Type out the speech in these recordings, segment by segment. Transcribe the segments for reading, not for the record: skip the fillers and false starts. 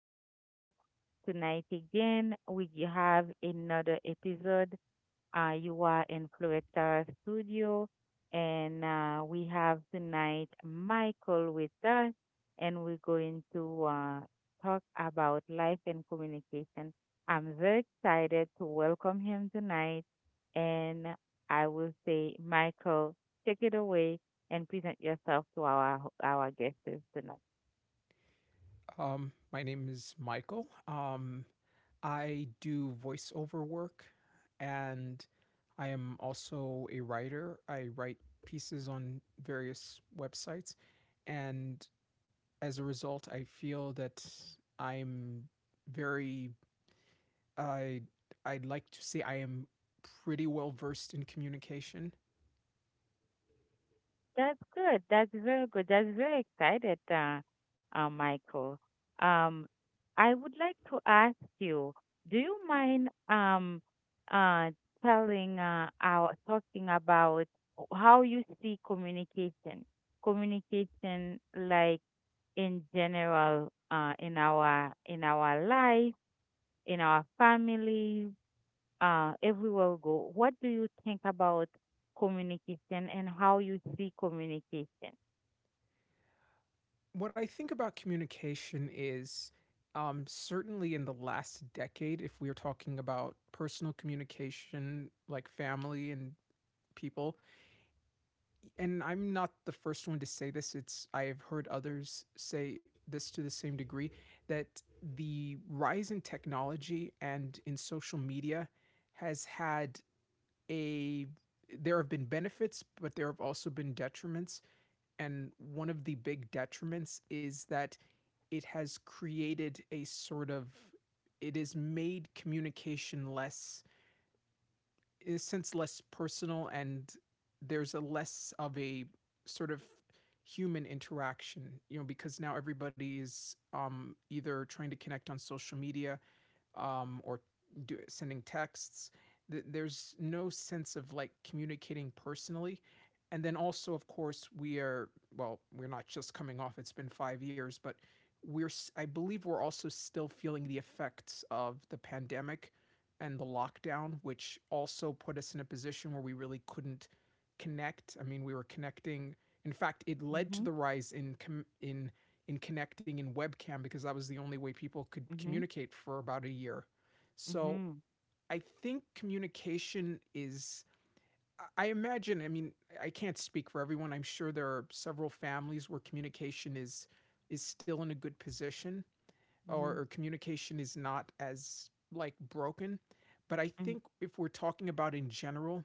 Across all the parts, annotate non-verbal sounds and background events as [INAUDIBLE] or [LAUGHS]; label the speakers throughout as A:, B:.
A: excited tonight again. We have another episode. You are in Floretta Studio, and we have tonight Michael with us, and we're going to talk about life and communication. I'm very excited to welcome him tonight, and I will say, Michael, take it away and present yourself to our guests tonight.
B: My name is Michael. I do voiceover work and I am also a writer. I write pieces on various websites. And as a result, I feel that I'm very, I, I'd like to say I am pretty well versed in communication.
A: That's good. That's very good. That's very excited, Michael. Um, I would like to ask you, do you mind uh, telling our talking about how you see communication, like in general in our life, in our families, everywhere we go. What do you think about communication and how you see communication?
B: What I think about communication is, certainly in the last decade, if we're talking about personal communication, like family and people, and I'm not the first one to say this, it's I have heard others say this to the same degree, that the rise in technology and in social media has had a there have been benefits, but there have also been detriments. And one of the big detriments is that it has created a sort of it has made communication less, in a sense less personal, and there's a less of a sort of human interaction, you know, because now everybody is either trying to connect on social media um, or sending texts. There's no sense of like communicating personally. And then also, of course, we're not just coming off, it's been 5 years, but I believe we're also still feeling the effects of the pandemic and the lockdown, which also put us in a position where we really couldn't connect. I mean, we were connecting. In fact, it led to
A: Mhm.
B: the rise in in connecting in webcam, because that was the only way people could
A: Mhm.
B: communicate for about a year. So
A: Mhm.
B: I think imagine, I mean, I can't speak for everyone. I'm sure there are several families where communication is still in a good position, or
A: Mhm.
B: communication is not as like broken. But I
A: Mhm.
B: think if we're talking about in general,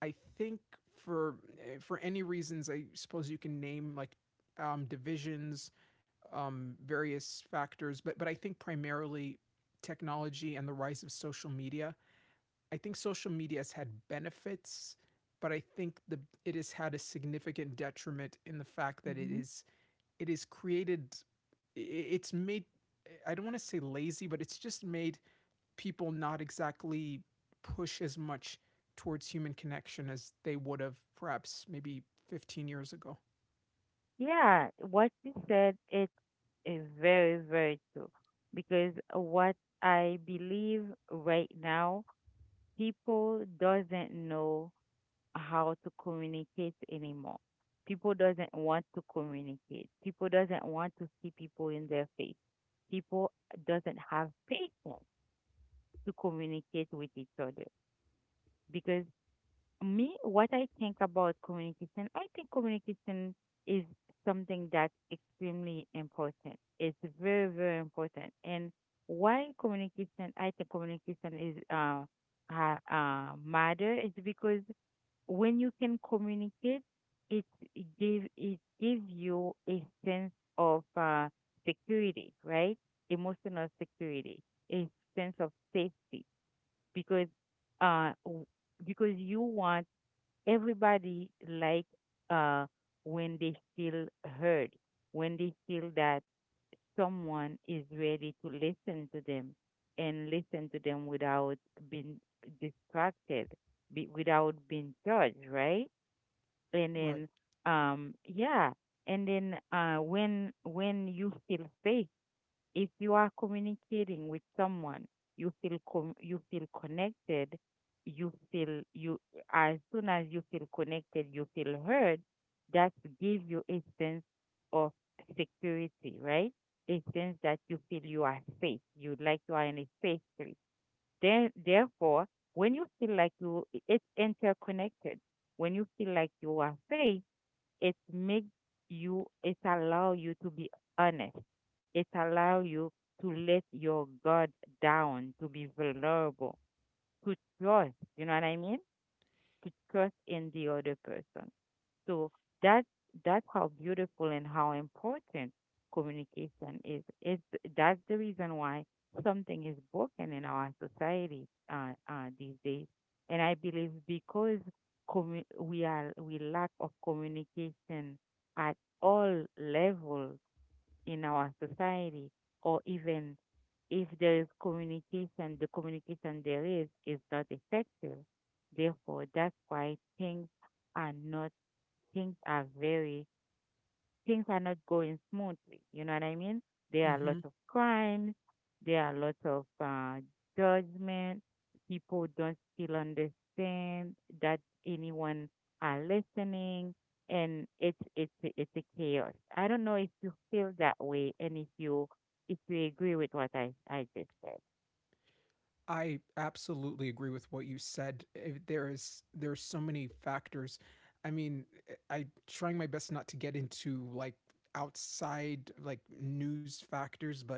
B: I think for for any reasons, I suppose you can name like divisions, various factors, but I think primarily technology and the rise of social media. I think social media has had benefits, but I think the it has had a significant detriment in the fact that
A: Mhm.
B: it is created it's made, I don't want to say lazy, but it's just made people not exactly push as much towards human connection as they would have perhaps maybe 15 years ago.
A: Yeah, what you said it is very, very true. Because what I believe right now, people doesn't know how to communicate anymore. People doesn't want to communicate. People doesn't want to see people in their face. People doesn't have patience to communicate with each other because me, what I think about communication, I think communication is something that's extremely important. It's very, very important. And why communication, I think communication is matter is because when you can communicate, it it gives you a sense of security, right? Emotional security, a sense of safety, because uh w- because you want everybody like uh when they feel heard, when they feel that someone is ready to listen to them and listen to them without being distracted, without being judged, right? And
B: Right.
A: then yeah, and then when you feel safe if you are communicating with someone, you feel connected, you feel you as soon as you feel connected, you feel heard, that gives you a sense of security, right? A sense that you feel you are safe, you like you are in a safe place. Then therefore, when you feel like you it's interconnected, when you feel like you are safe it makes you it allow you to be honest, it allow you to let your guard down, to be vulnerable, to trust, you know what I mean, to trust in the other person. So that That's how beautiful and how important communication is. It's that's the reason why something is broken in our society these days, and I believe because we are we lack of communication at all levels in our society, or even if there is communication, the communication there is not effective. Therefore, that's why are not things are very things are not going smoothly. You know what I mean? There are
B: Mhm.
A: lots of crimes. There are lots of judgment. People don't still understand that anyone are listening, and it's a chaos. I don't know if you feel that way, and if you agree with what I just said.
B: I absolutely agree with what you said. There is there's so many factors. I mean, I trying my best not to get into like outside like news factors, but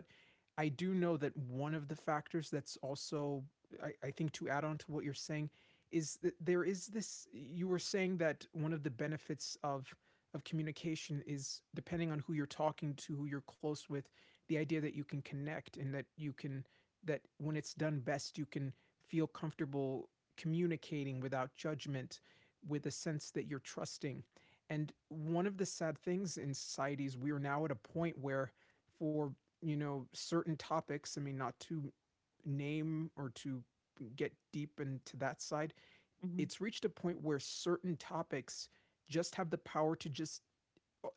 B: I do know that one of the factors that's also I think to add on to what you're saying is that there is this, you were saying that one of the benefits of communication is, depending on who you're talking to, who you're close with, the idea that you can connect and that you can that when it's done best, you can feel comfortable communicating without judgment, with a sense that you're trusting. And one of the sad things in society is we are now at a point where, for, you know, certain topics, I mean, not to name or to get deep into that side,
A: Mhm.
B: it's reached a point where certain topics just have the power to just,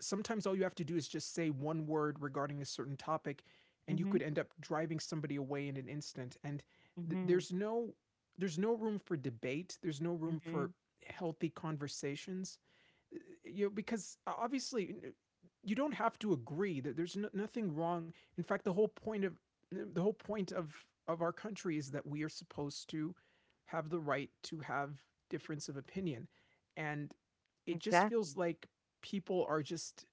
B: sometimes all you have to do is just say one word regarding a certain topic and you could
A: Mhm.
B: end up driving somebody away in an instant. And
A: Mhm.
B: there's no, there's no room for debate there's no room for
A: Mhm.
B: healthy conversations. eh, you know, because obviously you don't have to agree, that there's nothing wrong. In fact, the whole point of our country is that we are supposed to have the right to have difference of opinion, and it just feels
A: Exactly.
B: like people are just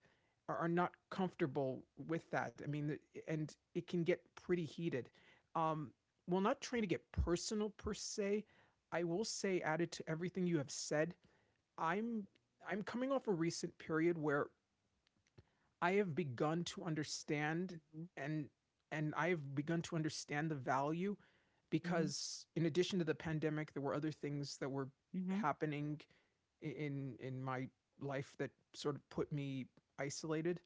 B: are- not comfortable with that. I mean, and it can get pretty heated. Um, Not trying to get personal per se, I will say, added to everything you have said, I'm I'm coming off a recent period where I have begun to understand,
A: Mhm.
B: and I have begun to understand the value,
A: Mhm.
B: because in addition to the pandemic, there were other things that were happening in my life that sort of put me isolated.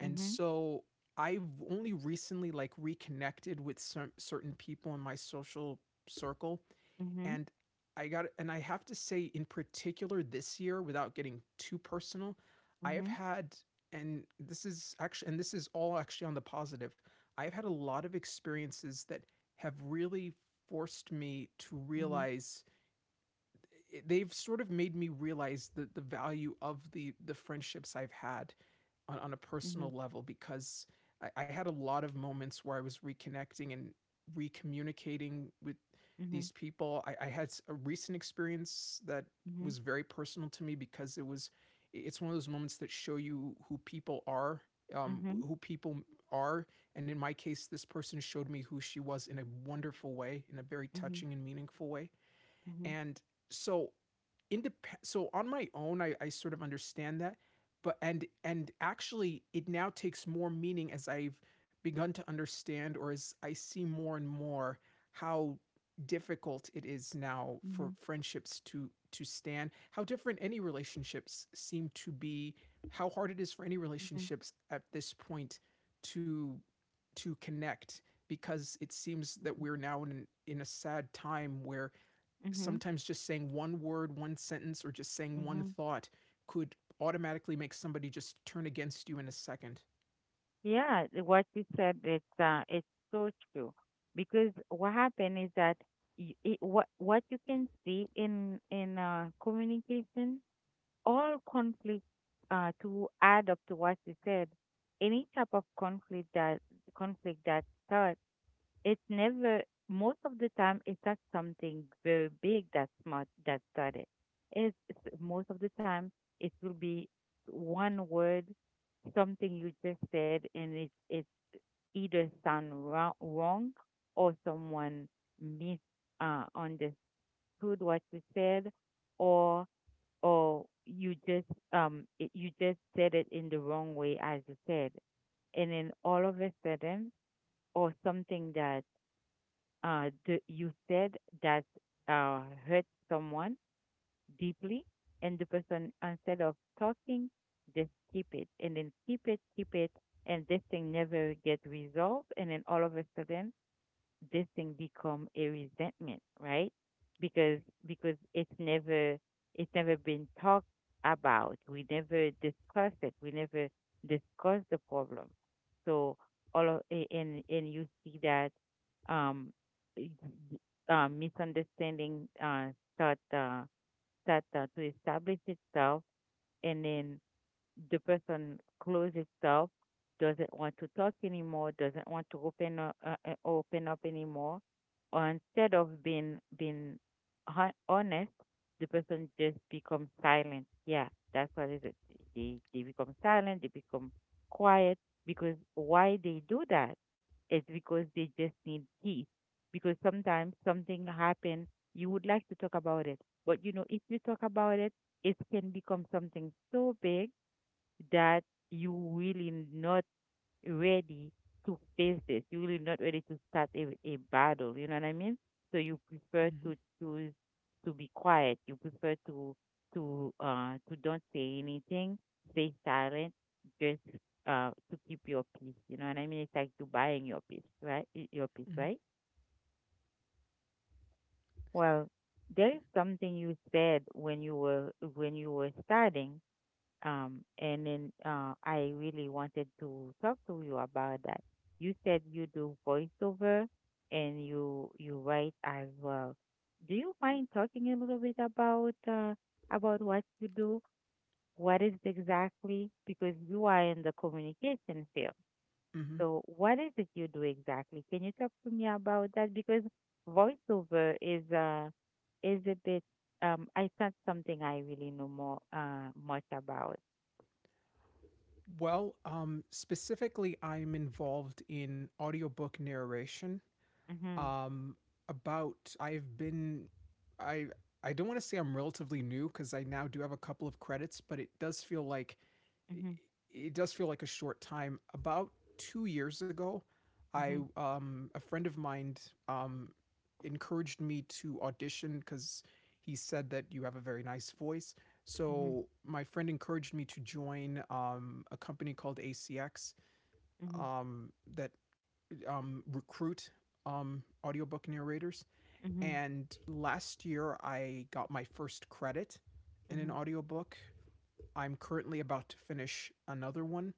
A: Mhm. Mhm.
B: so I've only recently like reconnected with some certain people in my social circle,
A: Mhm.
B: and I got and I have to say, in particular this year, without getting too personal, I have
A: Mhm.
B: had, and this is actually, and this is all actually on the positive, I've had a lot of experiences that have really forced me to
A: Mhm.
B: realize, they've sort of made me realize the value of the friendships I've had on a
A: Mhm,
B: personal level, because I had a lot of moments where I was reconnecting and recommunicating with
A: mhm,
B: these people. I had a recent experience that
A: mhm,
B: was very personal to me because it's one of those moments that show you who people are,
A: mhm,
B: who people are, and in my case this person showed me who she was in a wonderful way, in a very
A: mhm,
B: touching and meaningful way,
A: mhm,
B: and so independent. So on my own, I sort of understand that, but, and actually, it now takes more meaning as I've begun to understand, or as I see more and more how difficult it is now for
A: mhm,
B: friendships to stand, how different any relationships seem to be, how hard it is for any
A: mhm, mhm,
B: relationships at this point to connect, because it seems that we're now in a sad time where
A: mhm,
B: sometimes just saying one word, one sentence, or just saying one
A: mhm.
B: thought could automatically make somebody just turn against you in a second.
A: Yeah, what you said, it's so true because what happened is that what you can see in communication all conflict, to add up to what you said, any type of conflict that starts. It never, most of the time, it's not something very big that's much that started. Most of the time it will be one word, something you just said, and it's either sound wrong, or someone mis understood what you said, or you just you just said it in the wrong way as you said, and then all of a sudden, or something that you said that uh, hurt someone deeply, and the person, instead of talking, just keep it, and then keep it, and this thing never get resolved, and then all of a sudden, this thing become a resentment, right? Because because it's never it's never been talked about. We never discussed it. We never discussed the problem. So and you see that um y- y- misunderstanding start to establish itself and then the person close itself, doesn't want to talk anymore, doesn't want to open up anymore, or instead of being honest, the person just becomes silent. Yeah, that's what is it. They become silent, they become quiet because why they do that is because they just need peace. Because sometimes something happened, you would like to talk about it, but you know if you talk about it, it can become something so big that you really not ready to face this. You really not ready to start a battle. You know what I mean? So you prefer
B: Mhm,
A: to choose to be quiet. You prefer to don't say anything, stay silent, just to keep your peace. You know what I mean? It's like you buying your peace, right? Your peace,
B: mhm,
A: right? Well, there is something you said when you were starting. And then I really wanted to talk to you about that. You said you do voiceover and you write as well. Do you mind talking a little bit about what you do? What is it exactly? Because you are in the communication field.
B: mhm.
A: So what is it you do exactly? Can you talk to me about that? Because voiceover is a bit I it's not something I really know more much about.
B: Well, specifically, I'm involved in audiobook narration.
A: Mm-hmm.
B: Um about I've been I I don't want to say I'm relatively new, cuz I now do have a couple of credits, but it does feel like a short time. About 2 years ago, I a friend of mine um encouraged me to audition, cuz he said that you have a very nice voice. So my friend encouraged me to join a company called ACX um, that recruit audiobook narrators. And last year, I got my first credit in an audiobook. I'm currently about to finish another one.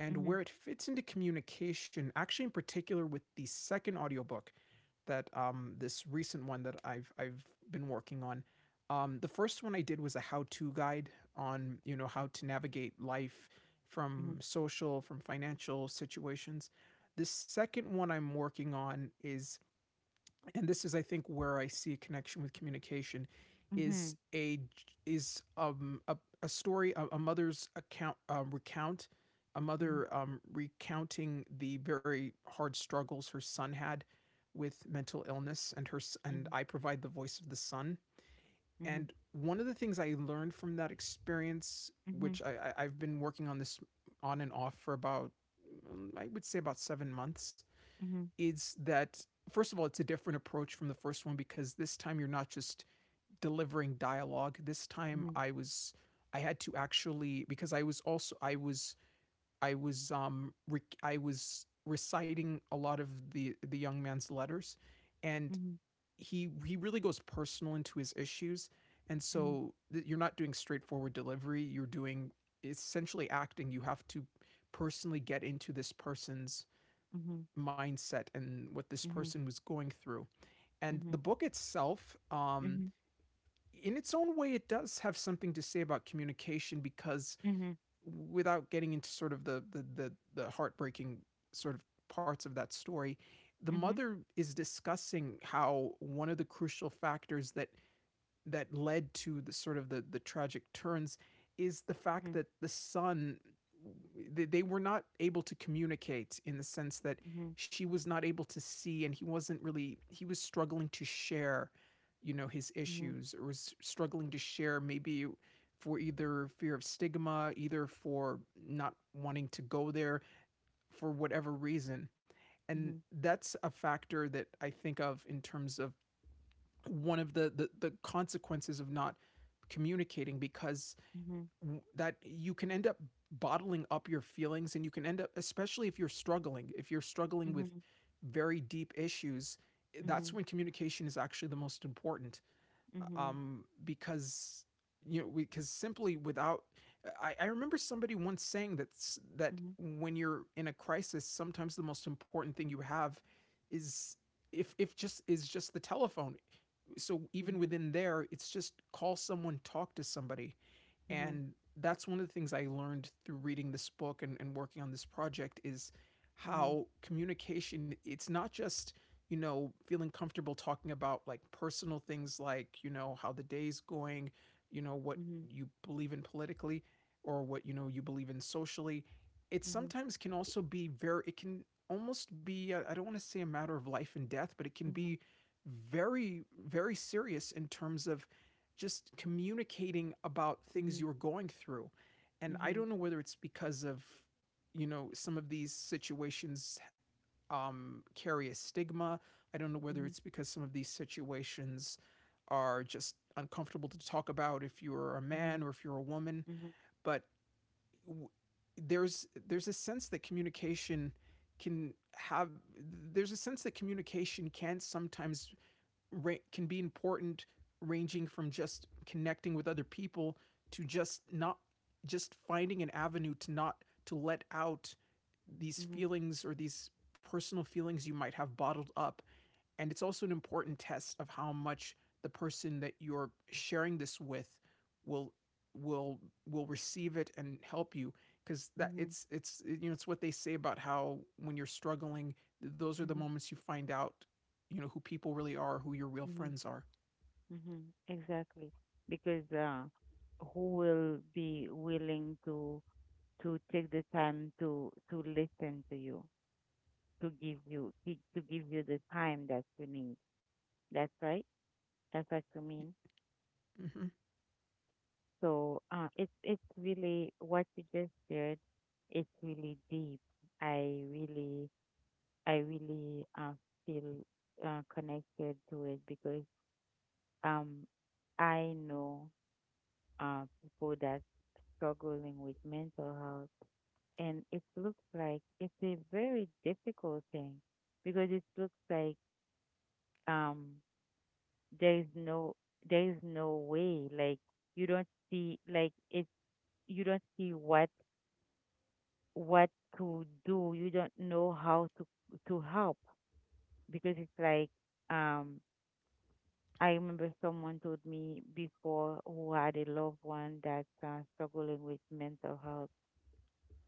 B: And where it fits into communication, actually, in particular with the second audiobook, that, this recent one that I've been working on. The first one I did was a how-to guide on, you know, how to navigate life from social, from financial situations. The second one I'm working on is, and this is I think where I see a connection with communication, is is um a, a story, a mother's account recount a mother recounting the very hard struggles her son had with mental illness, and her and I provide the voice of the son, and one of the things I learned from that experience, which I I've been working on this on and off for about, I would say about 7 months, is that first of all, it's a different approach from the first one, because this time you're not just delivering dialogue. This time I had to actually, because I was also I was rec- I was reciting a lot of the young man's letters, and he really goes personal into his issues, and so you're not doing straightforward delivery, you're doing, it's essentially acting, you have to personally get into this person's mindset and what this person was going through. And the book itself, in its own way, it does have something to say about communication, because without getting into sort of the heartbreaking sort of parts of that story, the mother is discussing how one of the crucial factors that led to the sort of the tragic turns is the fact that the son, they were not able to communicate, in the sense that she was not able to see, and he wasn't really he was struggling to share, you know, his issues, or was struggling to share maybe for either fear of stigma, either for not wanting to go there, for whatever reason. And that's a factor that I think of in terms of one of the consequences of not communicating, because that you can end up bottling up your feelings, and you can end up, especially if you're struggling with very deep issues, that's when communication is actually the most important, because, you know, because simply without, I remember somebody once saying that when you're in a crisis, sometimes the most important thing you have is, if just is just the telephone. So even within there, it's just call someone, talk to somebody. And that's one of the things I learned through reading this book and working on this project is how communication, it's not just, feeling comfortable talking about like personal things like, how the day's going, what you believe in politically, or what, you believe in socially. It sometimes can also be very, it can almost be, I don't want to say a matter of life and death, but it can be very, very serious in terms of just communicating about things you're going through. And I don't know whether it's because of, some of these situations carry a stigma. I don't know whether it's because some of these situations are just uncomfortable to talk about if you're a man or if you're a woman. But w- there's a sense that communication can have, there's a sense that communication can sometimes can be important, ranging from just connecting with other people to just not, just finding an avenue to not, to let out these feelings or these personal feelings you might have bottled up. And it's also an important test of how much the person that you're sharing this with will will will receive it and help you, because that it's it's what they say about how when you're struggling, those are the moments you find out who people really are, who your real friends are.
A: Mm-hmm, exactly. Because who will be willing to take the time to listen to you, to give you to give you the time that you need. That's right. That's what you mean.
B: Mm-hmm.
A: So it's really what you just shared. It's really deep. I really I really feel connected to it because um I know people that struggling with mental health, and it looks like it's a very difficult thing because it looks like um there is no there is no way like you don't see like it's you don't see what what to do, you don't know how to help because it's like um I remember someone told me before who had a loved one that's struggling with mental health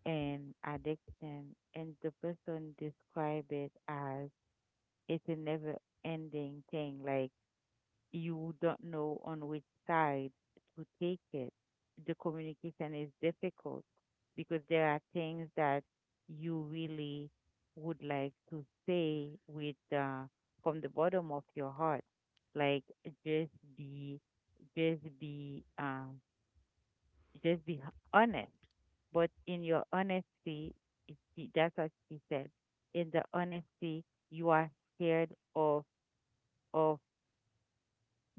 A: and addiction, and the person described it as it's a never ending thing. Like you don't know on which side to take it. The communication is difficult because there are things that you really would like to say with from the bottom of your heart. Like just be, be, just be honest but in your honesty, that's what she said. In the honesty, you are scared of of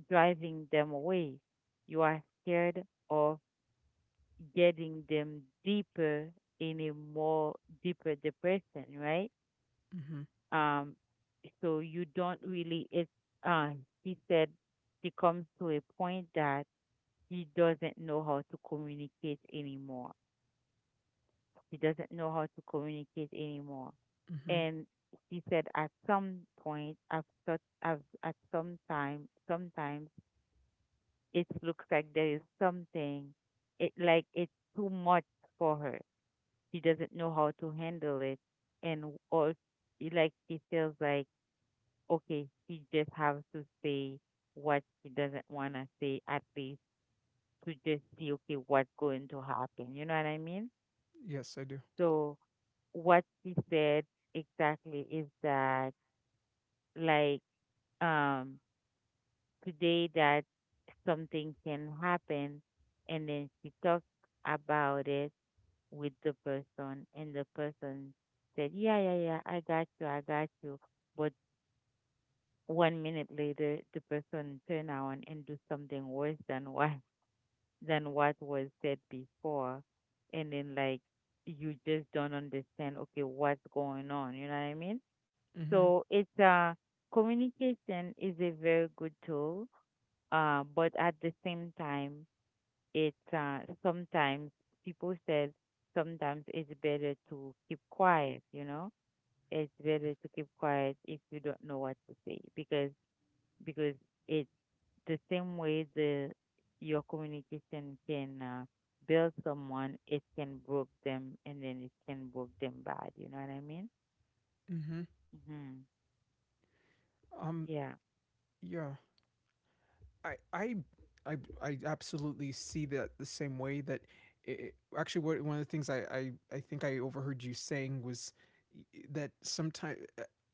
A: driving them away. You are scared of getting them deeper in a more deeper depression, right?
B: Mm-hmm.
A: Um, so you don't really. It's uh, she said she comes to a point that she doesn't know how to communicate anymore. She doesn't know how to communicate anymore.
B: Mm-hmm.
A: And she said, at some point, at some time, sometimes it looks like there is something, it like it's too much for her. She doesn't know how to handle it, and all like she feels like okay, she just has to say what she doesn't want to say at least to just see okay what's going to happen. You know what I mean?
B: Yes, I do.
A: So what she said exactly is that like um today that something can happen and then she talked about it with the person and the person said yeah, yeah, yeah, I got you, I got you, but 1 minute later the person turn around and do something worse than what [LAUGHS] than what was said before, and then like you just don't understand okay what's going on, you know what I mean.
B: Mm-hmm.
A: So it's communication is a very good tool, but at the same time, it sometimes people said sometimes it's better to keep quiet. You know, it's better to keep quiet if you don't know what to say because because it's the same way the your communication can build someone, it can broke them and then it can broke them bad. You know what I mean?
B: Mm-hmm.
A: hmm
B: Um,
A: Yeah.
B: yeah. I I I absolutely see that, the same way that it, actually, what one of the things I think I overheard you saying was that sometimes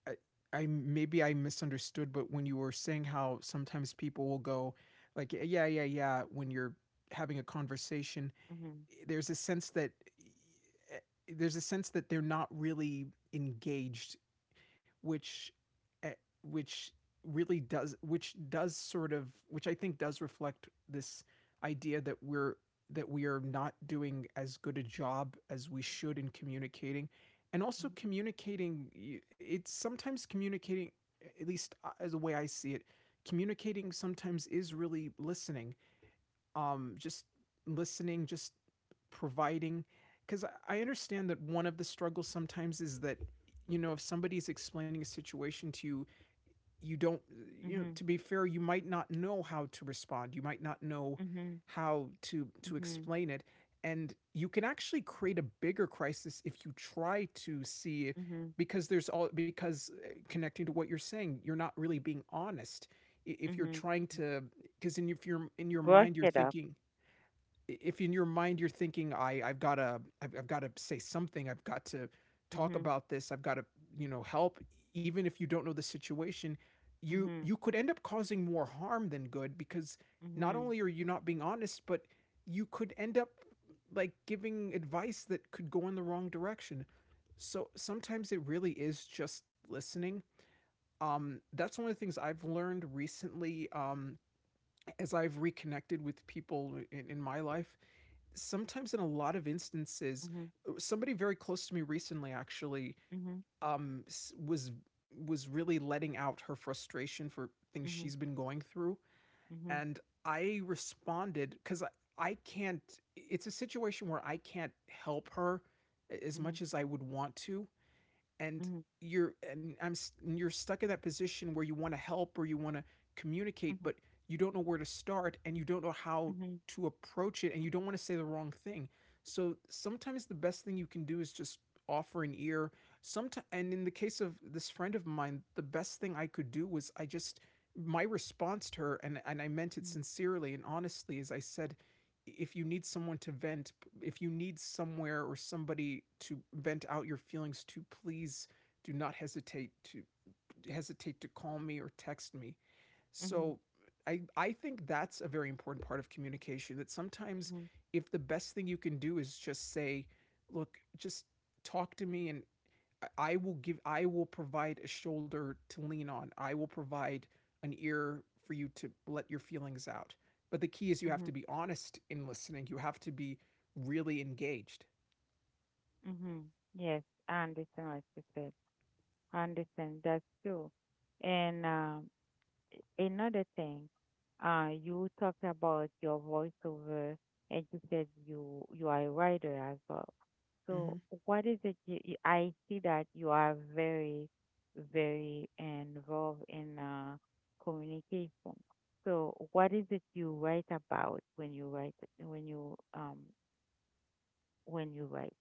B: I, I maybe I misunderstood, but when you were saying how sometimes people will go like "yeah yeah yeah yeah," when you're having a conversation,
A: hmm
B: there's a sense that eh, they're not really engaged, which eh, which really does, which does sort of, which I think does reflect this idea that we're, that we are not doing as good a job as we should in communicating. And also communicating, it's sometimes communicating, at least as the way I see it, communicating sometimes is really listening, just listening, just providing. Because I understand that one of the struggles sometimes is that, if somebody's explaining a situation to you, you don't,
A: hmm
B: to be fair, you might not know how to respond. You might not know
A: hmm hmm
B: how to explain it, and you can actually create a bigger crisis if you try to see,
A: hmm
B: because there's all, because connecting to what you're saying, you're not really being honest if
A: hmm
B: you're trying
A: hmm
B: to, because in your, if you're in your
A: Brush
B: mind you're
A: it up.
B: thinking, if in your mind you're thinking, I've got to say something, I've got to talk
A: Mhm.
B: about this, I've got to, help, even if you don't know the situation, you
A: Mhm.
B: you could end up causing more harm than good, because not
A: Mhm.
B: only are you not being honest, but you could end up like giving advice that could go in the wrong direction. So sometimes it really is just listening. That's one of the things I've learned recently, as I've reconnected with people in my life, sometimes, in a lot of instances,
A: Mhm.
B: somebody very close to me recently, actually,
A: Mhm.
B: um was was really letting out her frustration for things
A: Mhm.
B: she's been going through,
A: Mhm.
B: and I responded, because I can't, it's a situation where I can't help her as
A: Mhm.
B: much as I would want to. And
A: Mhm.
B: you're, and you're stuck in that position where you want to help, or you want to communicate,
A: Mhm.
B: but you don't know where to start, and you don't know how
A: Mhm.
B: to approach it, and you don't want to say the wrong thing. So sometimes the best thing you can do is just offer an ear. Sometimes, and in the case of this friend of mine, the best thing I could do was, I just, my response to her, and I meant it
A: Mhm.
B: sincerely and honestly, is I said, if you need someone to vent, if you need somewhere or somebody to vent out your feelings to, please do not hesitate to call me or text me.
A: Mhm.
B: So I think that's a very important part of communication, that sometimes,
A: Mhm.
B: if the best thing you can do is just say, look, just talk to me, and I will provide a shoulder to lean on. I will provide an ear for you to let your feelings out. But the key is, you have to
A: Mhm.
B: be honest in listening. You have to be really engaged.
A: Mhm. Yes, I understand what you said. I understand that's true. And another thing, you talked about your voiceover and you said you are a writer as well.
B: Hmm.
A: So what is it I see that you are very, very involved in communication. So what is it you write about when you write when you write?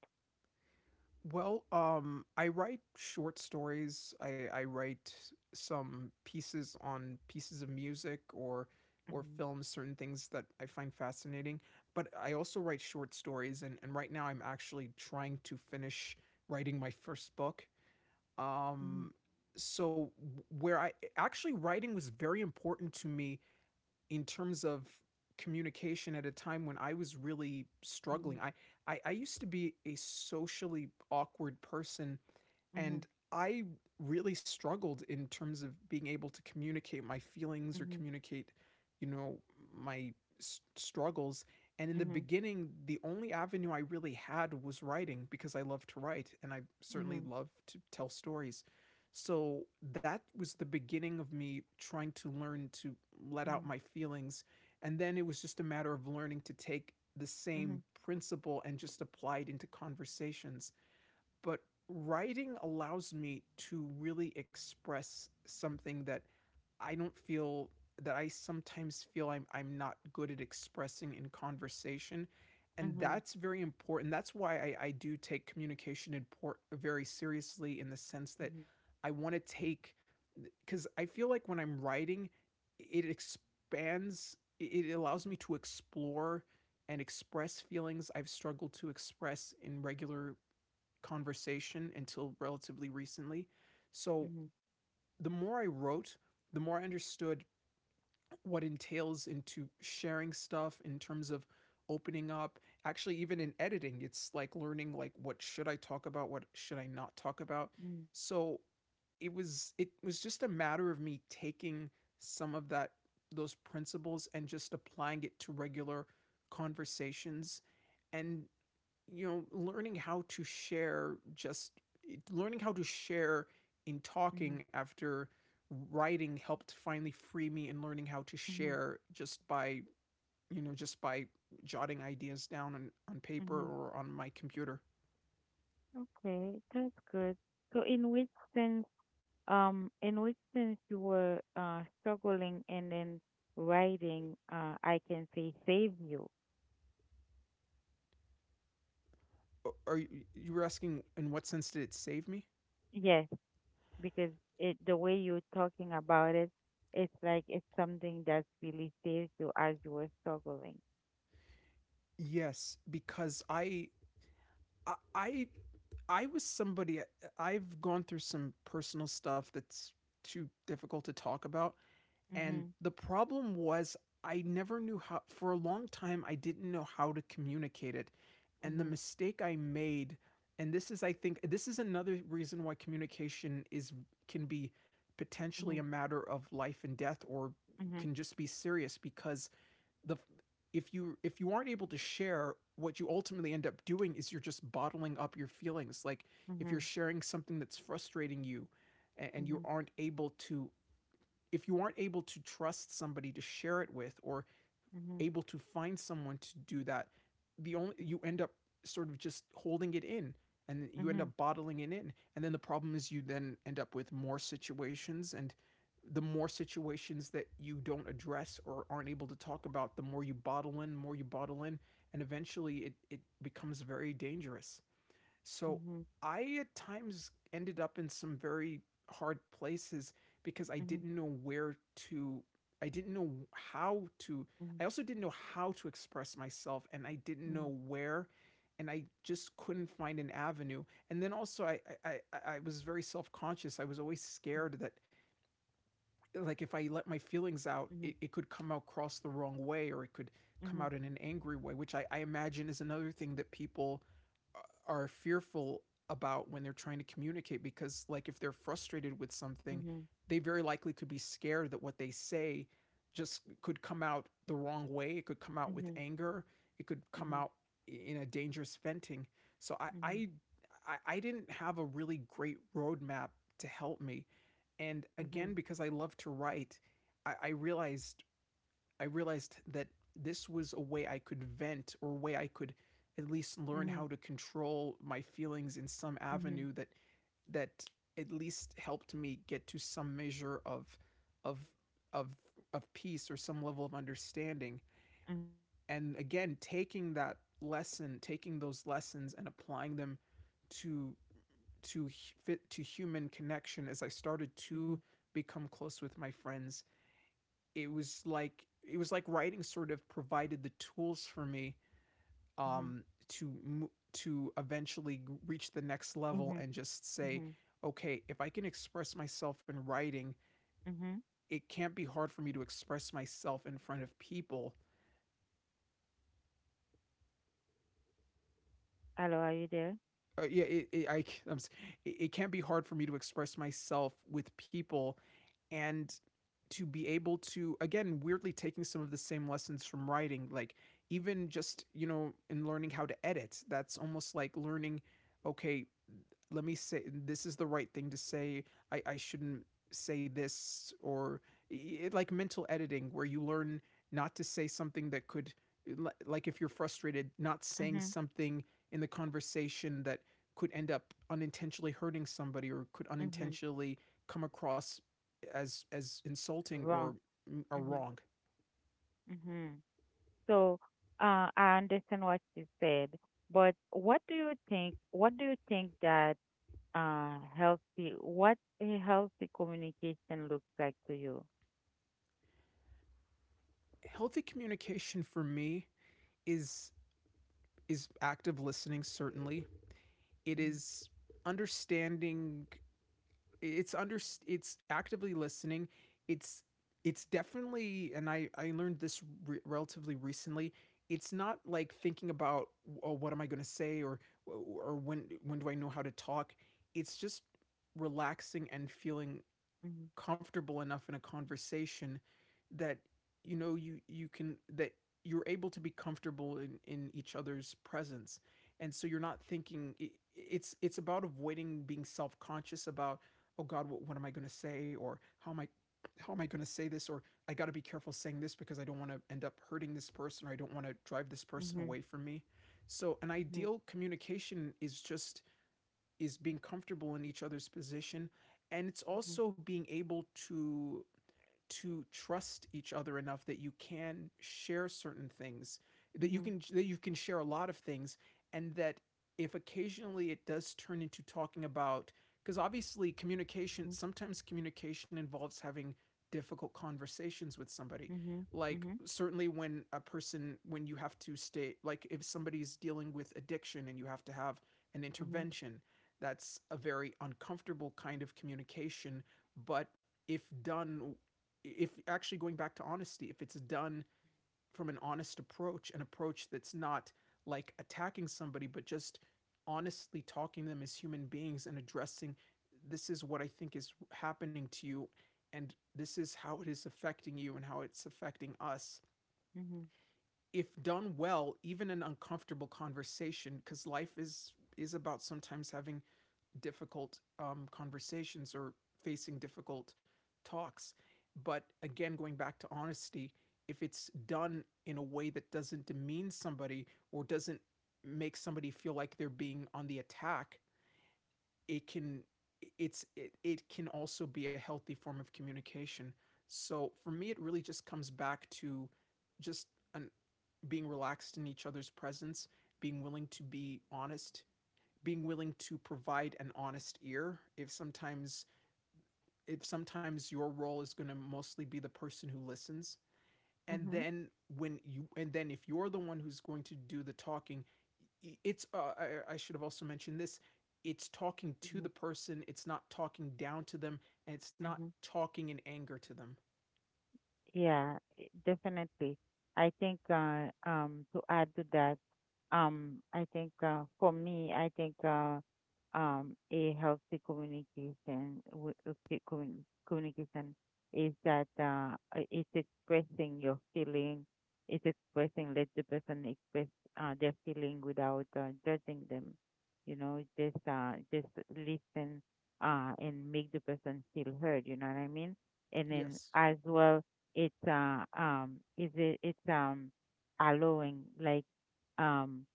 B: Well, I write short stories. I write some pieces on pieces of music, or
A: Mhm,
B: films, certain things that I find fascinating. But I also write short stories, and right now I'm actually trying to finish writing my first book.
A: mhm,
B: Um, so where I, actually, writing was very important to me in terms of communication at a time when I was really struggling. I used to be a socially awkward person,
A: mhm,
B: and I really struggled in terms of being able to communicate my feelings, or
A: mhm,
B: communicate, you know, my struggles. And in the
A: mhm,
B: beginning, the only avenue I really had was writing, because I love to write, and I certainly
A: mhm,
B: love to tell stories. So that was the beginning of me trying to learn to let out my feelings. And then it was just a matter of learning to take the
A: mhm,
B: same
A: mhm,
B: principle and just apply it into conversations. But writing allows me to really express something that I don't feel, that I sometimes feel I'm, not good at expressing in conversation. And
A: mhm,
B: that's very important. That's why I do take communication import very seriously, in the sense that
A: mhm,
B: I want to take, because I feel like when I'm writing, it allows me to explore and express feelings I've struggled to express in regular conversation until relatively recently.
A: mhm,
B: So
A: mhm,
B: the more I wrote, the more I understood what entails into sharing stuff, in terms of opening up, actually, even in editing, it's like learning, like, what should I talk about, what should I not talk about.
A: mhm.
B: So it was, just a matter of me taking some of that, those principles, and just applying it to regular conversations. And, you know, learning how to share, just learning how to share in
A: mhm,
B: talking, after writing helped finally free me. And learning how to
A: Mhm,
B: share just by, you know, just by jotting ideas down on, paper,
A: mhm.
B: or on my computer.
A: Okay, that's good. So sense, in which sense you were struggling and then writing, I can say save you.
B: are you, you were asking, in what sense did it save me?
A: Yes, because it the way you're talking about it, it's like it's something that really saves you as you were struggling.
B: Yes, because i i, I was somebody, I've gone through some personal stuff that's too difficult to talk about. And
A: Mhm,
B: the problem was, I never knew how, for a long time, I didn't know how to communicate it. And the
A: mhm,
B: mistake I made, and this is, I think, this is another reason why communication is, can be potentially a
A: mhm,
B: matter of life and death, or
A: mhm,
B: can just be serious, because the, if you, aren't able to share, what you ultimately end up doing is, you're just bottling up your feelings. Like, if you're
A: mhm,
B: sharing something that's frustrating you, and you aren't able to, trust somebody to share it with, or
A: mhm, mhm,
B: able to find someone to do that, the only, you end up sort of just holding it in, and you end up bottling it in, and then the problem is, you then end up with more situations, and the more situations that you don't address or aren't able to talk about, the more you bottle in, more you bottle in, and eventually it becomes very dangerous.
A: mhm,
B: So
A: mhm,
B: I at times ended up in some very hard places, because I
A: mhm,
B: didn't know where to, I didn't know how to,
A: mhm,
B: I also didn't know how to express myself, and I didn't
A: mhm,
B: know where, and I just couldn't find an avenue. And then also, I was very self-conscious. I was always scared that, like, if I let my feelings out,
A: mhm,
B: it could come across the wrong way, or it could come
A: mhm,
B: out in an angry way, which I imagine is another thing that people are fearful about when they're trying to communicate, because like if they're frustrated with something,
A: mhm,
B: they very likely could be scared that what they say just could come out the wrong way. It could come out
A: mhm,
B: with
A: mhm.
B: anger, it could come
A: Mhm.
B: out in a dangerous venting. so i
A: Mhm.
B: i i, didn't have a really great roadmap to help me. And again,
A: Mhm.
B: because I love to write, i, I realized I realized that this was a way I could vent, or a way I could at least learn
A: Mhm.
B: how to control my feelings in some
A: Mhm.
B: avenue that that at least helped me get to some measure of of of peace, or some level of understanding. And again, taking that lesson taking those lessons and applying them to to fit to human connection, as I started to
A: Mhm.
B: become close with my friends, it was like, writing sort of provided the tools for me
A: Mhm. Mhm.
B: um, to to eventually reach the next level
A: Mhm.
B: and just say,
A: Mhm.
B: okay, if I can express myself in writing,
A: Mhm.
B: it can't be hard for me to express myself in front of people.
A: Hello, are you there?
B: Yeah, it, I, am it, it can't be hard for me to express myself with people, and to be able to, again, weirdly, taking some of the same lessons from writing, like even just, you know, in learning how to edit, that's almost like learning, okay, let me say this is the right thing to say, I shouldn't say this. Or like mental editing, where you learn not to say something that could like if you're frustrated, not saying
A: Mhm.
B: something in the conversation that could end up unintentionally hurting somebody, or could
A: Mhm.
B: unintentionally come across as insulting or
A: Wrong.
B: or
A: Mhm.
B: wrong.
A: Mhm. So, I understand what you said, but what do you think? What do you think that healthy? What a healthy communication looks like to you?
B: Healthy communication for me is is active listening, certainly. It
A: Mhm.
B: is understanding. it's under it's actively listening. It's it's definitely, and I learned this relatively recently. It's not like thinking about, oh, what am I going to say, or when do I know how to talk. It's just relaxing and feeling
A: Mhm.
B: comfortable enough in a conversation that, you know, you can, that you're able to be comfortable in each other's presence, and so you're not thinking it's about avoiding being self-conscious about, oh god, what am I going to say, or how am I going to say this, or I got to be careful saying this because I don't want to end up hurting this person, or I don't want to drive this person
A: Mhm.
B: away from me. So an ideal communication is just is being comfortable in each other's position. And it's
A: Mhm.
B: also being able to trust each other enough that you can share certain things, that
A: Mhm.
B: you can share a lot of things, and that if occasionally it does turn into talking about, because obviously communication,
A: Mhm.
B: sometimes communication involves having difficult conversations with somebody,
A: Mhm.
B: like
A: Mhm.
B: certainly when a person, when you have to stay, like if somebody's dealing with addiction, and you have to have an
A: Mhm.
B: intervention, that's a very uncomfortable kind of communication. But if done, if actually going back to honesty, if it's done from an honest approach, an approach that's not like attacking somebody, but just honestly talking to them as human beings, and addressing, this is what I think is happening to you, and this is how it is affecting you and how it's affecting us.
A: Mhm.
B: If done well, even an uncomfortable conversation, because life is about sometimes having difficult conversations, or facing difficult talks. But again, going back to honesty, if it's done in a way that doesn't demean somebody, or doesn't make somebody feel like they're being on the attack, it can, it can also be a healthy form of communication. So for me, it really just comes back to just an, being relaxed in each other's presence, being willing to be honest, being willing to provide an honest ear. If sometimes, if sometimes your role is going to mostly be the person who listens, and
A: Mhm.
B: then when you, and then if you're the one who's going to do the talking, it's I should have also mentioned this, it's talking
A: Mhm.
B: to
A: Mhm.
B: the person, it's not talking down to them, and it's not
A: Mhm.
B: talking in anger to them.
A: Yeah, definitely. I think to add to that, I think for me, I think a healthy communication communication is that it's expressing your feeling, it's expressing let the person express their feeling without judging them. You know, just listen and make the person feel heard. You know what I mean? And then
B: Yes.
A: as well, it's is it's allowing, like, um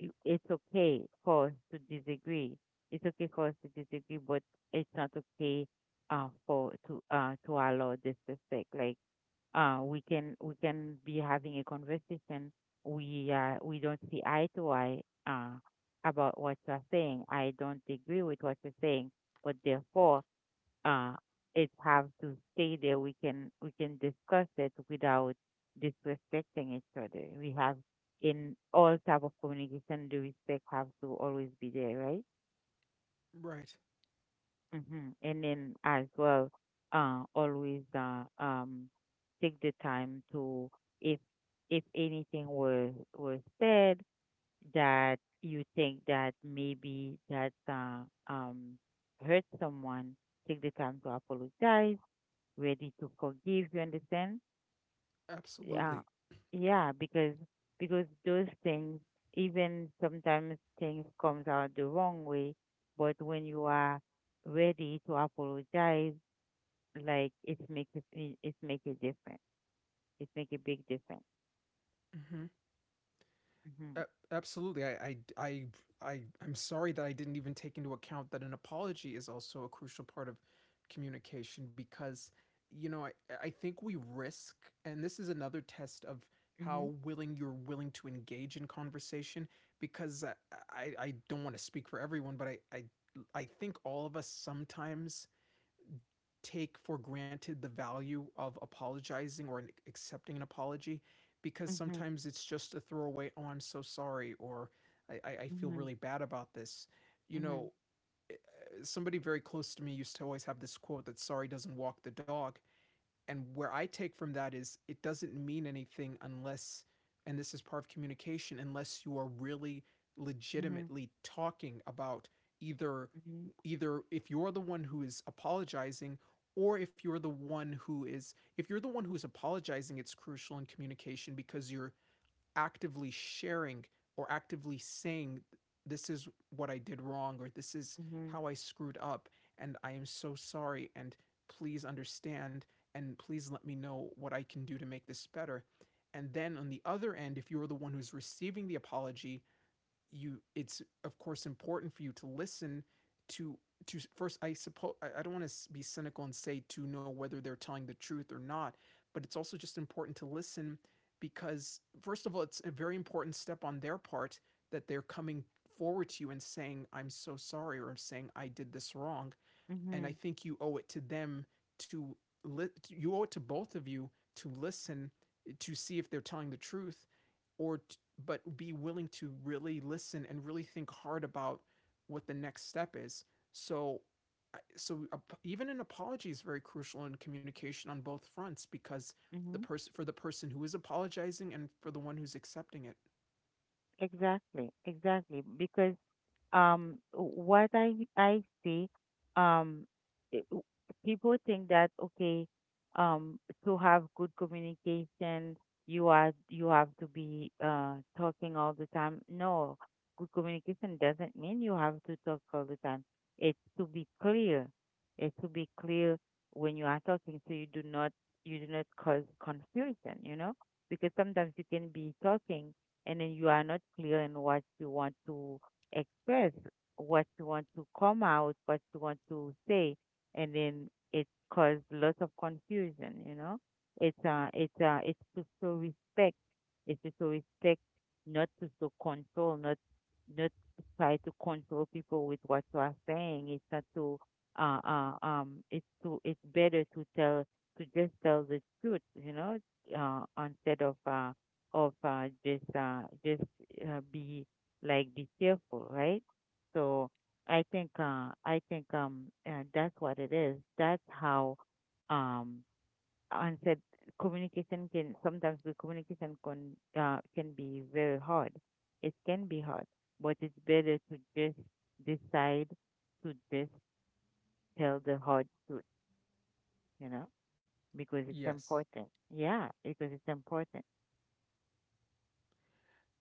A: it's okay for us to disagree. It's okay for us to disagree, but it's not okay for to allow disrespect. Like, we can be having a conversation. We don't see eye to eye uh about what you're saying. I don't agree with what you're saying, but therefore uh, it have to stay there. We can discuss it without disrespecting each other. We have in all type of communication, the respect have to always be there, right?
B: Right.
A: Hmm. And then as well, always take the time to, if if anything was said that you think that maybe that um hurt someone, take the time to apologize, ready to forgive. You understand? Yeah,
B: Absolutely.
A: yeah. Because those things, even sometimes things comes out the wrong way, but when you are ready to apologize, like, it makes it it make a difference. It make a big difference.
B: Hmm.
A: Mhm.
B: Absolutely. I'm sorry that I didn't even take into account that an apology is also a crucial part of communication, because, you know, I think we risk, and this is another test of
A: Mhm.
B: how willing you're willing to engage in conversation, because I don't want to speak for everyone, but I think all of us sometimes take for granted the value of apologizing, or accepting an apology, because sometimes it's just a throwaway, oh, I'm so sorry, or I feel
A: Mhm.
B: really bad about this. You
A: Mhm.
B: know, somebody very close to me used to always have this quote, that sorry doesn't walk the dog, and where I take from that is it doesn't mean anything unless, and this is part of communication, unless you are really
A: Mhm. Mhm.
B: legitimately talking about either,
A: Mhm.
B: if you're the one who is apologizing, or if you're the one who is, if you're the one who's apologizing, it's crucial in communication because you're actively sharing, or actively saying, this is what I did wrong, or this is
A: Mhm.
B: how I screwed up, and I am so sorry, and please understand, and please let me know what I can do to make this better. And then on the other end, if you're the one who's receiving the apology, you, it's of course important for you to listen to to first, I suppose I don't want to be cynical and say to know whether they're telling the truth or not, but it's also just important to listen, because first of all, it's a very important step on their part that they're coming forward to you and saying, I'm so sorry, or saying I did this wrong. And I
A: Mhm.
B: think you owe it to them to you owe it to both of you to listen, to see if they're telling the truth, or t- but be willing to really listen and really think hard about what the next step is. So so even an apology is very crucial in communication on both fronts, because the
A: Mhm.
B: person, for the person who is apologizing and for the one who's accepting it.
A: Exactly. Exactly. Because what I see, um it- w- people think that, okay, um to have good communication, you have to be talking all the time. No, good communication doesn't mean you have to talk all the time. It's to be clear, it's to be clear when you are talking, so you do not, you do not cause confusion, you know, because sometimes you can be talking and then you are not clear in what you want to express, what you want to come out, what you want to say, and then it caused lots of confusion. You know, it's to show respect. It's to show respect, not to show control, not to try to control people with what you are saying. It's not to it's to, it's better to tell, to just tell the truth. You know, instead of just be, like, be cheerful, right? So I think that's what it is. That's how um unsaid communication can sometimes, the communication can be very hard. It can be hard, but it's better to just decide to just tell the hard truth, you know, because it's
B: Yes.
A: important. Yeah, because it's important.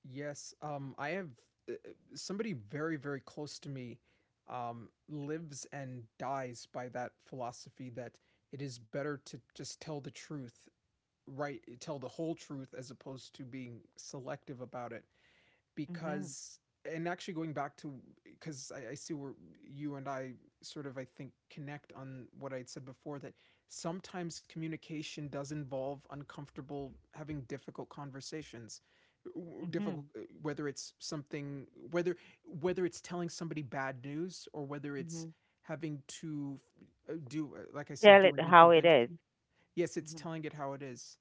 B: Yes, I have somebody very, very close to me lives and dies by that philosophy, that it is better to just tell the truth, right? Tell the whole truth, as opposed to being selective about it,
A: Mhm.
B: because, and actually going back to, because I see where you and I sort of, I think, connect on what I'd said before, that sometimes communication does involve uncomfortable, having difficult conversations, difficult,
A: Mhm.
B: whether it's something, whether it's telling somebody bad news, or whether it's
A: Mhm.
B: having to do, like I said,
A: Tell
B: do
A: it
B: an
A: how it is.
B: intervention. Yes, it's
A: Mhm.
B: telling it how it is.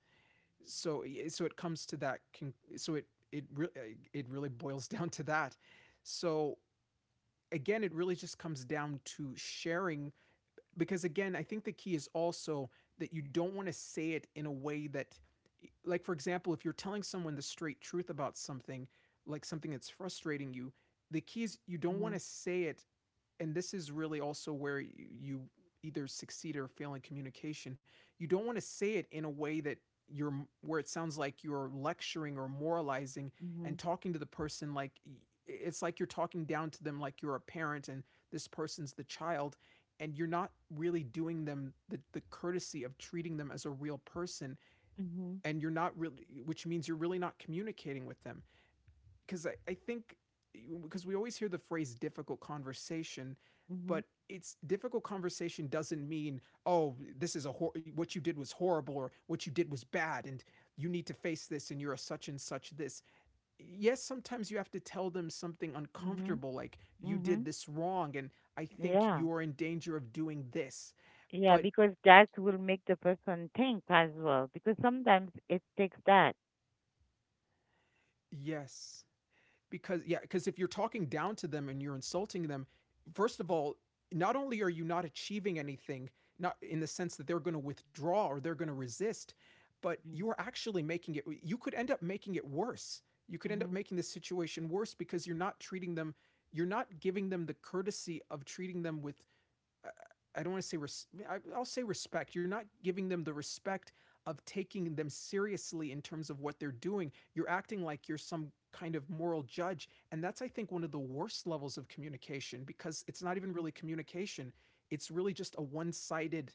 B: So so it comes to that, so it it really, it really boils [LAUGHS] down to that. So again, it really just comes down to sharing, because again, I think the key is also that you don't want to say it in a way that, like for example, if you're telling someone the straight truth about something, like something that's frustrating you, the key is you don't want
A: Mhm.
B: to say it, and this is really also where you either succeed or fail in communication. You don't want to say it in a way that you're, where it sounds like you're lecturing or moralizing
A: Mhm.
B: and talking to the person like, it's like you're talking down to them, like you're a parent and this person's the child, and you're not really doing them the courtesy of treating them as a real person,
A: Mhm.
B: and you're not really which means you're really not communicating with them. Because I think, because we always hear the phrase difficult conversation,
A: Mhm.
B: but it's, difficult conversation doesn't mean, oh, this is a what you did was horrible, or what you did was bad, and you need to face this, and you're a such and such this. Yes, sometimes you have to tell them something
A: Mhm.
B: uncomfortable, like you did
A: Mhm.
B: this wrong, and I think
A: Yeah.
B: you're in danger of doing this.
A: Yeah,
B: But
A: because that will make the person think as well. Because sometimes it takes that.
B: yes, because, yeah, because if you're talking down to them and you're insulting them, first of all, not only are you not achieving anything, not in the sense that they're going to withdraw or they're going to resist, but you
A: Mhm.
B: are actually making it, you could end up making it worse. You could end up
A: Mhm.
B: making the situation worse, because you're not treating them, you're not giving them the courtesy of treating them with, I don't want to say will say respect. You're not giving them the respect of taking them seriously in terms of what they're doing. You're acting like you're some kind of moral judge, and that's, I think, one of the worst levels of communication, because it's not even really communication. It's really just a one-sided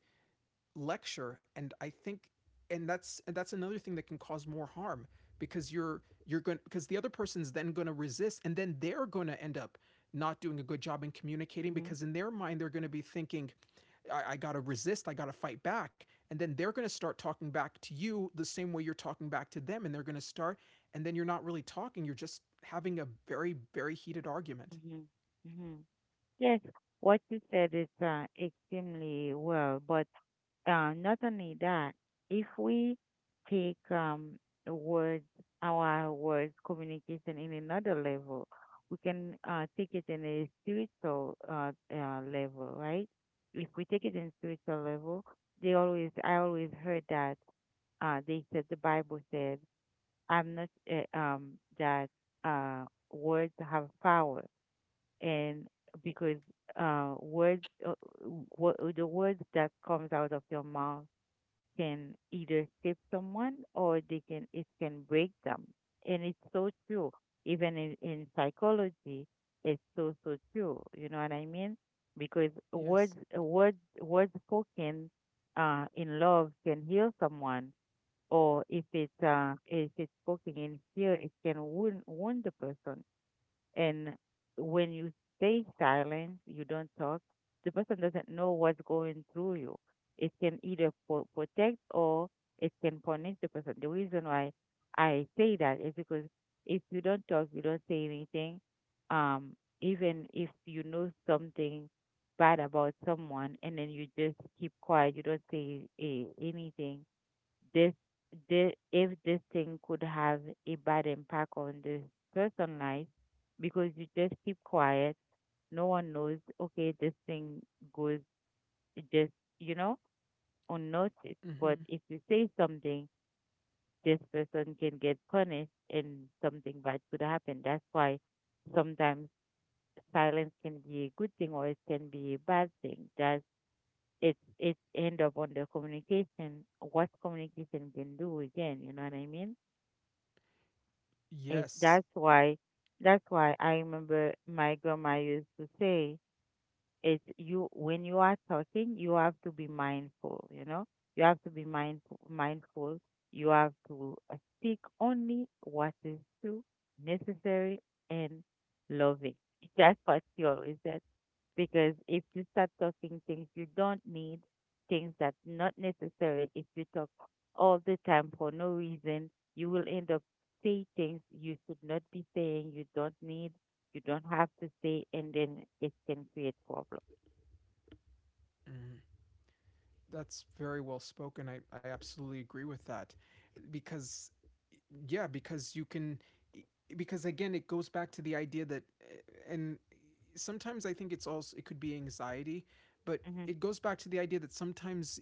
B: lecture, and I think and that's another thing that can cause more harm because you're going because the other person's then going to resist and then they're going to end up not doing a good job in communicating
A: Mhm.
B: because in their mind they're going to be thinking I got to resist. I got to fight back. And then they're going to start talking back to you the same way you're talking back to them. And they're going to start, and then you're not really talking. You're just having a very, very heated argument.
A: Mhm. Mhm. Yes, what you said is extremely well, but not only that, if we take words, our words communication in another level, we can take it in a spiritual level, right? If we take it in spiritual level, I always heard that they said the Bible said, "I'm not that uh, words have power," and because words, the words that comes out of your mouth can either save someone or they can, it can break them. And it's so true. Even in psychology, it's so so true. You know what I mean? Because
B: Yes.
A: words spoken in love can heal someone, or if it's, if it's spoken in fear, it can wound the person. And when you stay silent, you don't talk, the person doesn't know what's going through you. It can either protect or it can punish the person. The reason why I say that is because if you don't talk, you don't say anything, um, even if you know something bad about someone and then you just keep quiet, you don't say anything, this, this, if this thing could have a bad impact on the person life, because you just keep quiet, no one knows, okay, this thing goes, just, you know, unnoticed, but
B: hmm
A: if you say something, this person can get punished and something bad could happen. That's why sometimes silence can be a good thing or it can be a bad thing. That's it, it end up on the communication, what communication can do again, you know what I mean. It,
B: Yes.
A: that's why, that's why I remember my grandma used to say, it's, you, when you are talking, you have to be mindful, you know? You have to be mindful. You have to speak only what is true, necessary and loving. [LAUGHS] That's what she always said, because if you start talking things you don't need, things that's not necessary, if you talk all the time for no reason, you will end up saying things you should not be saying, you don't need, you don't have to say, and then it can create problems.
B: hmm That's very well spoken. I absolutely agree with that. Because, yeah, because you can, because again, it goes back to the idea that, and sometimes I think it's also, it could be anxiety, but
A: Mm-hmm,
B: it goes back to the idea that sometimes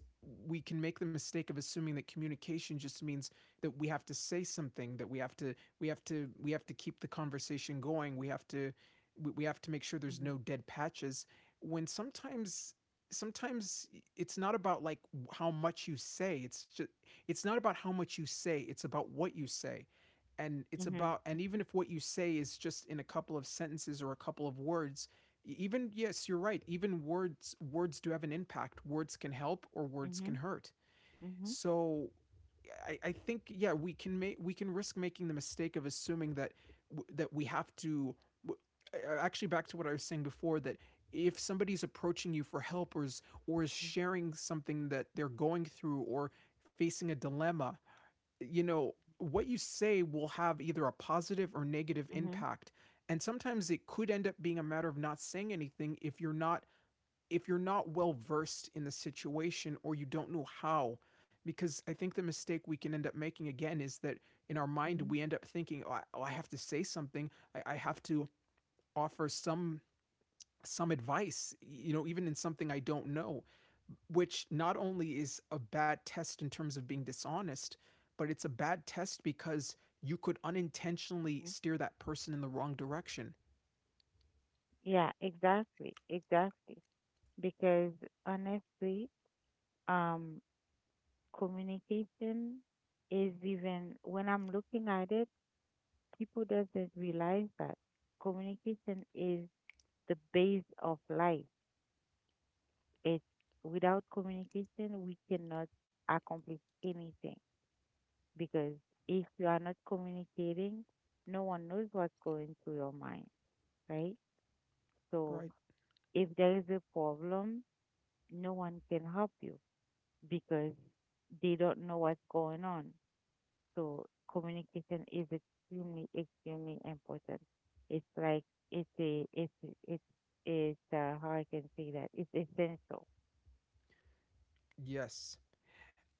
B: we can make the mistake of assuming that communication just means that we have to say something, that we have to keep the conversation going. We have to make sure there's
A: mm-hmm,
B: no dead patches when sometimes it's not about like how much you say it's just it's not about how much you say, it's about what you say, and it's about
A: mm-hmm,
B: and even if what you say is just in a couple of sentences or a couple of words, even yes you're right, even words do have an impact. Words can help or words
A: mm-hmm,
B: can hurt.
A: mm-hmm,
B: So I think, yeah, we can make we can risk making the mistake of assuming that that we have to w- actually, back to what I was saying before, that if somebody's approaching you for help or is sharing something that they're going through or facing a dilemma, you know, what you say will have either a positive or negative
A: mm-hmm,
B: impact, and sometimes it could end up being a matter of not saying anything if you're not well versed in the situation or you don't know how. Because I think the mistake we can end up making again is that in our mind
A: mm-hmm,
B: we end up thinking, oh, I have to say something. I have to offer some advice, you know, even in something I don't know, which not only is a bad test in terms of being dishonest, but it's a bad test because you could unintentionally
A: mm-hmm.
B: steer that person in the wrong direction,
A: Yeah, exactly, exactly. Because honestly, um, communication is, even when I'm looking at it, people doesn't realize that communication is the base of life. It's, without communication we cannot accomplish anything because if you are not communicating, no one knows what's going through your mind, right? So
B: right?
A: if there is a problem, no one can help you because they don't know what's going on. So communication is extremely, extremely important. It's like, it's a it's it's it's how I can say that, it's essential.
B: Yes.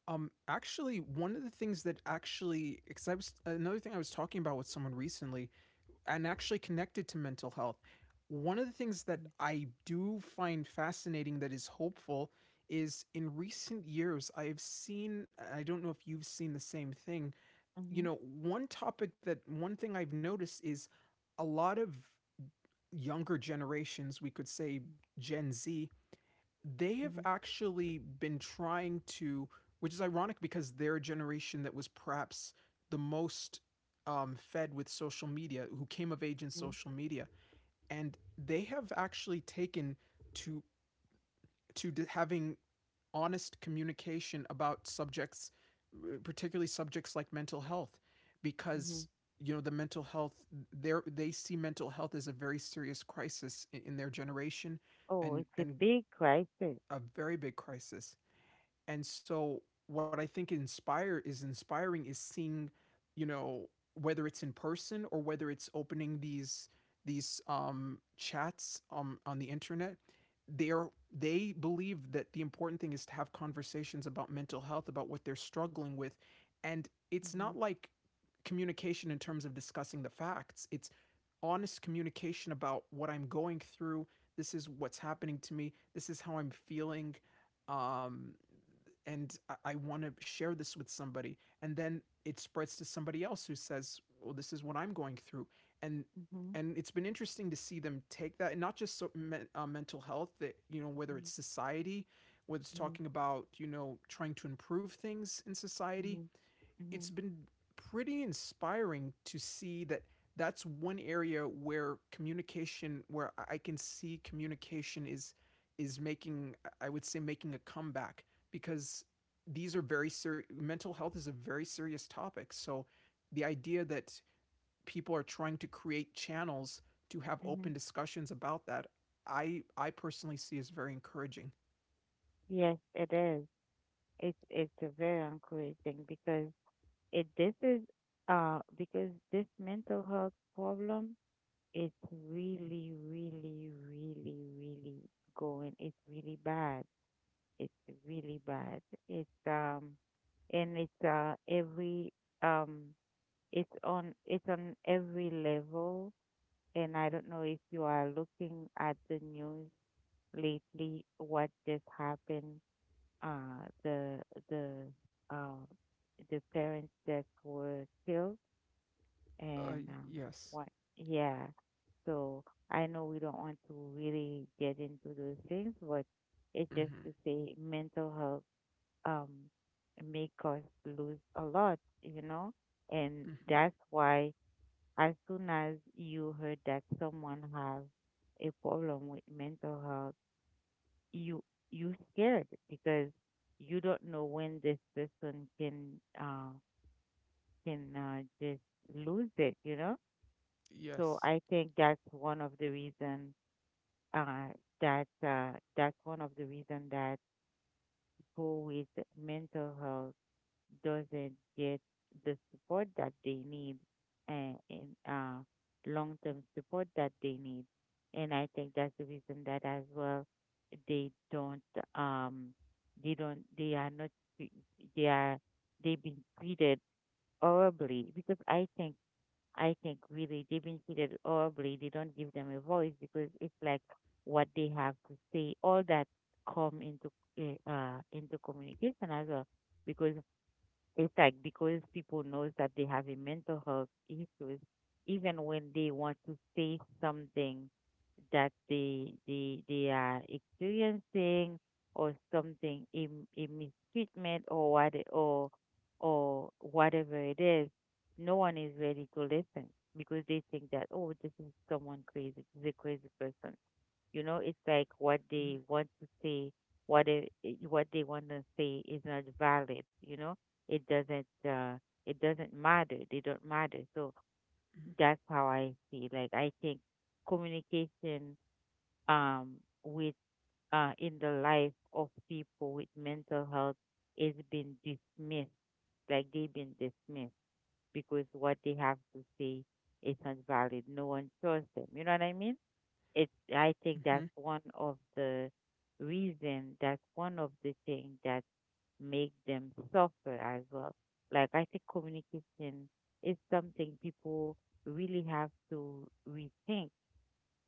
B: One of the things that, actually, because I was another thing I was talking about with someone recently, and actually connected to mental health, one of the things that I do find fascinating that is hopeful is, in recent years, I have seen, I don't know if you've seen the same thing,
A: Mm-hmm.
B: you know, one topic that one thing I've noticed is a lot of younger generations, we could say Gen Z, they have
A: Mm-hmm.
B: actually been trying to, which is ironic because they're a generation that was perhaps the most fed with social media, who came of age in
A: Mm-hmm.
B: social media, and they have actually taken to to having honest communication about subjects, particularly subjects like mental health,
A: Mm-hmm.
B: because, you know, the mental health, they see mental health as a very serious crisis in their generation,
A: Oh, it's a
B: and
A: big crisis.
B: a very big crisis. And so what I think inspire is inspiring is seeing, you know, whether it's in person or whether it's opening these chats on the internet, they're they believe that the important thing is to have conversations about mental health, about what they're struggling with. And it's
A: Mm-hmm.
B: not like communication in terms of discussing the facts. It's honest communication about what I'm going through. This is what's happening to me. This is how I'm feeling. Um, I want to share this with somebody. And then it spreads to somebody else who says, well, this is what I'm going through. And
A: Mm-hmm.
B: and it's been interesting to see them take that and not just so, mental health, that, you know, whether it's society, whether it's
A: Mm-hmm.
B: talking about, you know, trying to improve things in society.
A: Mm-hmm.
B: It's
A: Mm-hmm.
B: been pretty inspiring to see that that's one area where communication where I- can see communication is making, I would say, making a comeback because these are very serious mental health is a very serious topic. So the idea that people are trying to create channels to have
A: Mm-hmm.
B: open discussions about that, I personally see as very encouraging.
A: Yes, it is. It's a very encouraging, because it, this is because this mental health problem, it's really, really, really, really going. It's really bad. It's really bad. It's and it's every, um, it's on, it's on every level. And I don't know if you are looking at the news lately, what just happened. The, the uh the parents that were killed
B: Uh,
A: and
B: yes.
A: what? Yeah. So I know we don't want to really get into those things, but it's just
B: Mhm.
A: to say mental health um make us lose a lot, you know? And
B: Mhm.
A: that's why as soon as you heard that someone has a problem with mental health, you you scared, because you don't know when this person can uh just lose it, you know? So
B: Yes.
A: I think that's one of the reason uh, that that's one of the reason that people with mental health doesn't get the support that they need, and long-term support that they need. And I think that's the reason that as well they don't, um they don't, they are not tre- they are, they've been treated horribly, because I think, I think really, they've been treated horribly. They don't give them a voice, because it's like what they have to say. All that come into communication as well. Because it's like, because people knows that they have a mental health issues, even when they want to say something that they are experiencing, or something a mistreatment or what, or whatever it is, no one is ready to listen, because they think that, oh, this is someone crazy, this is a crazy person. You know, it's like what they
B: Mhm.
A: want to say, what what they want to say is not valid. You know, it doesn't uh, it doesn't matter. They don't matter. So that's how I see. Like, I think communication, um with in the life of people with mental health, is been dismissed. Like, they've been dismissed because what they have to say is not valid. No one trusts them. You know what I mean? It, I think that's
B: Mhm.
A: one of the reason, that's one of the things that make them suffer as well. Like, I think communication is something people really have to rethink.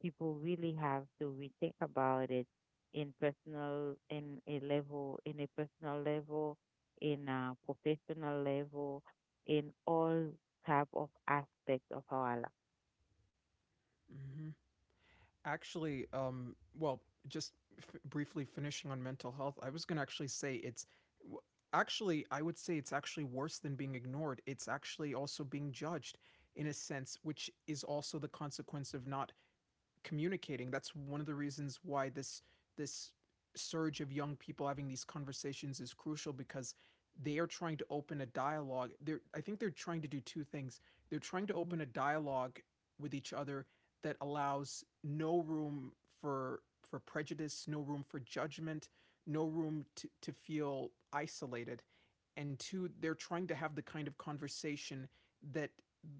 A: People really have to rethink about it, in personal, in a level, in a personal level, in a professional level, in all type of aspects of our life.
B: Mhm. Actually, well, just briefly finishing on mental health, I was going to actually say it's w- actually, I would say it's actually worse than being ignored. It's actually also being judged in a sense, which is also the consequence of not communicating. That's one of the reasons why this surge of young people having these conversations is crucial because they are trying to open a dialogue. They're I think they're trying to do two things. They're trying to
A: Hmm.
B: open a dialogue with each other that allows no room for for prejudice, no room for judgment, no room to feel isolated. And two, they're trying to have the kind of conversation that,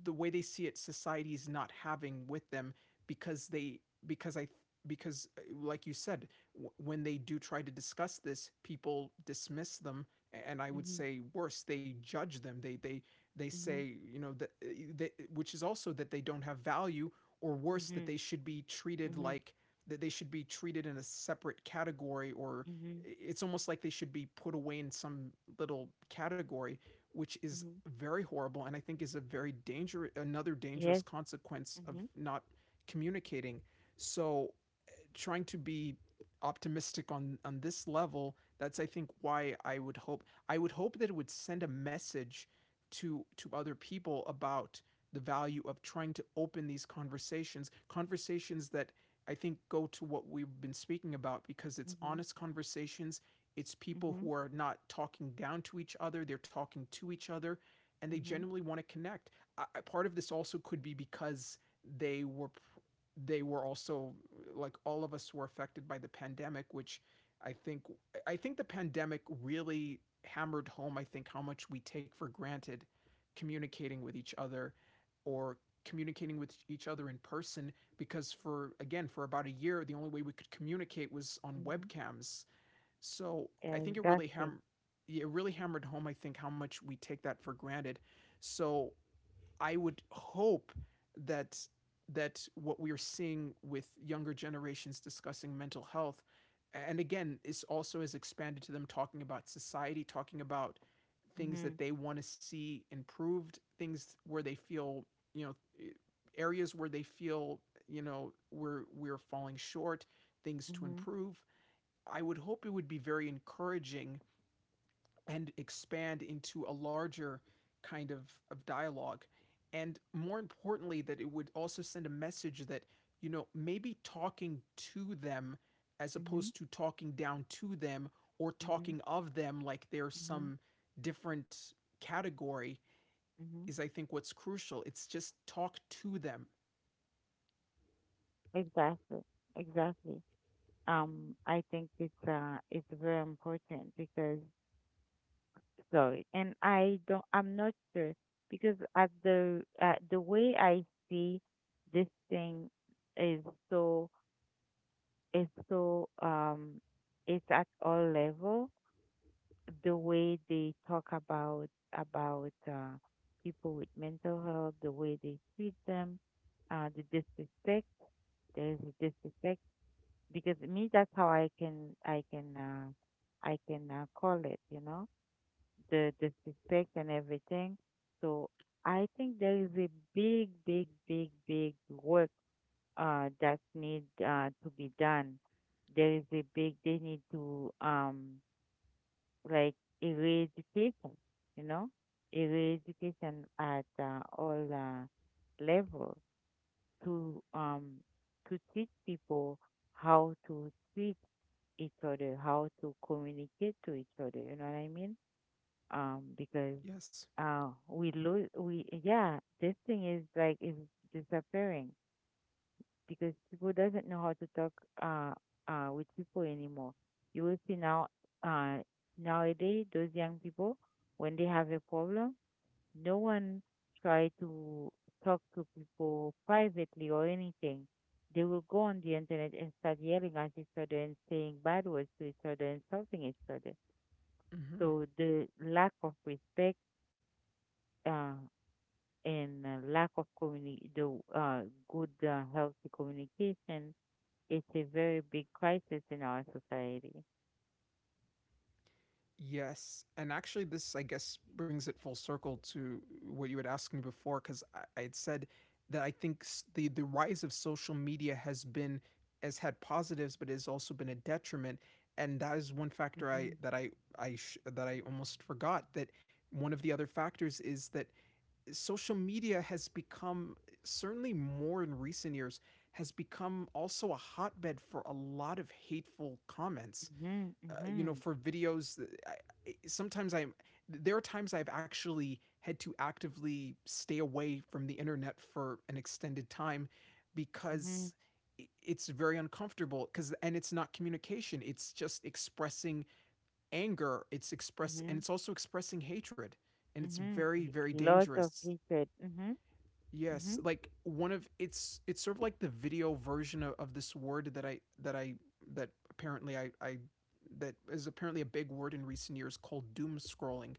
B: the way they see it, society is not having with them, because they because I because like you said, when they do try to discuss this, people dismiss them, and I would
A: Hmm.
B: say worse, they judge them, they
A: Hmm.
B: say, you know, that they, which is also that they don't have value, or worse, that
A: Hmm.
B: they should be treated
A: Hmm.
B: like that they should be treated in a separate category, or
A: Mhm.
B: eh, it's almost like they should be put away in some little category, which is
A: Mhm.
B: very horrible, and I think is a very dangerous another dangerous
A: Yes.
B: consequence of
A: Mhm.
B: not communicating. So, trying to be optimistic on this level, that's I think why I would hope that it would send a message to other people about the value of trying to open these conversations, conversations that I think go to what we've been speaking about because it's
A: Mhm.
B: honest conversations. It's people
A: Mhm.
B: who are not talking down to each other, they're talking to each other, and they
A: Mhm.
B: genuinely want to connect. I, part of this also could be because they were they were also, like all of us, were affected by the pandemic, which I think I think the pandemic really hammered home, I think, how much we take for granted communicating with each other, or communicating with each other in person, because, for again, for about a year, the only way we could communicate was on
A: Mhm.
B: webcams. So
A: Yeah,
B: I think it really
A: exactly.
B: it really hammered home, I think, how much we take that for granted. So I would hope that that what we're seeing with younger generations discussing mental health, and again it's also has expanded to them talking about society, talking about things that
A: Mhm.
B: they want to see improved, things where they feel, you know, areas where they feel, you know, we're falling short, things to
A: Mhm.
B: improve, I would hope it would be very encouraging and expand into a larger kind of dialogue. And more importantly, that it would also send a message that, you know, maybe talking to them as
A: Mhm.
B: opposed to talking down to them or
A: Mhm.
B: talking of them like they're
A: Mhm.
B: some different category
A: Mhm.
B: is, I think, what's crucial. It's just talk to them.
A: Exactly. Exactly. I think it's very important because, sorry, and I don't, I'm not sure, because at the way I see this thing is so, is so it's at all level, the way they talk about people with mental health, the way they treat them, the disrespect. There's a disrespect, because me, that's how I can, I can I can call it. You know, the disrespect and everything. So I think there is a big, big, big, big work that need to be done. There is a big. They need to. Like eradication, you know, eradication at all levels to um to teach people how to treat each other, how to communicate to each other. You know what I mean? Because
B: Yes.
A: we lose we yeah, this thing is like is disappearing because people doesn't know how to talk uh with people anymore. You will see now, uh nowadays, those young people, when they have a problem, no one try to talk to people privately or anything. They will go on the internet and start yelling at each other and saying bad words to each other, insulting each other.
B: hmm
A: So the lack of respect uh, and lack of communi- the good healthy communication, it's a very big crisis in our society.
B: Yes. And actually, this, I guess, brings it full circle to what you had asked me before, because I had said that I think the rise of social media has been, has had positives, but has also been a detriment. And that is one factor I,
A: Mhm,
B: that I, sh- that I almost forgot that one of the other factors is that social media has become, certainly more in recent years, has become also a hotbed for a lot of hateful comments,
A: mhm,
B: you know,
A: mhm,
B: for videos, I, sometimes I'm. There are times I've actually had to actively stay away from the internet for an extended time
A: mhm,
B: because it's very uncomfortable. Because and it's not communication; it's just expressing anger.
A: mhm,
B: It's also expressing hatred, and it's
A: mhm.
B: very
A: Y-
B: very
A: Lots of
B: dangerous.
A: hatred. Mhm,
B: Yes,
A: mhm,
B: like one of it's sort of like the video version of this word that I that apparently I I that is apparently a big word in recent years called doom scrolling,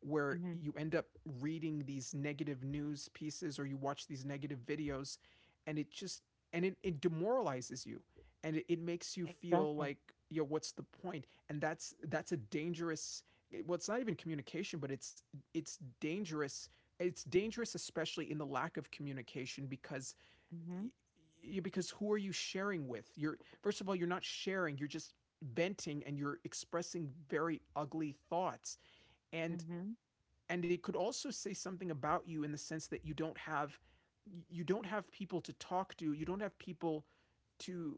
B: where
A: mhm.
B: you end up reading these negative news pieces, or you watch these negative videos. and it just and it demoralizes you, and it makes you feel
A: Exactly.
B: like, yo, what's the point? And that's a dangerous, well, it's not even communication, but it's dangerous. It's dangerous, especially in the lack of communication. Because
A: Mhm,
B: y- because who are you sharing with? You're, first of all, you're not sharing, you're just venting and you're expressing very ugly thoughts. and
A: mhm,
B: and it could also say something about you in the sense that you don't have, you don't have people to talk to, you don't have people to,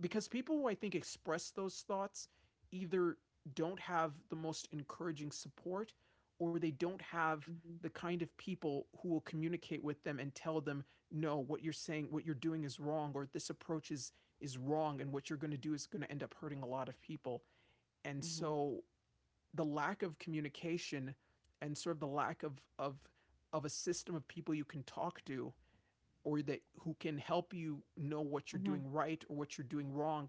B: because people who I think express those thoughts either don't have the most encouraging support, or they don't have
A: mhm,
B: the kind of people who will communicate with them and tell them, no, what you're saying, what you're doing is wrong, or this approach is wrong, and what you're going to do is going to end up hurting a lot of people. And
A: mhm,
B: so the lack of communication and sort of the lack of a system of people you can talk to, or that who can help you know what you're
A: mhm,
B: doing right or what you're doing wrong,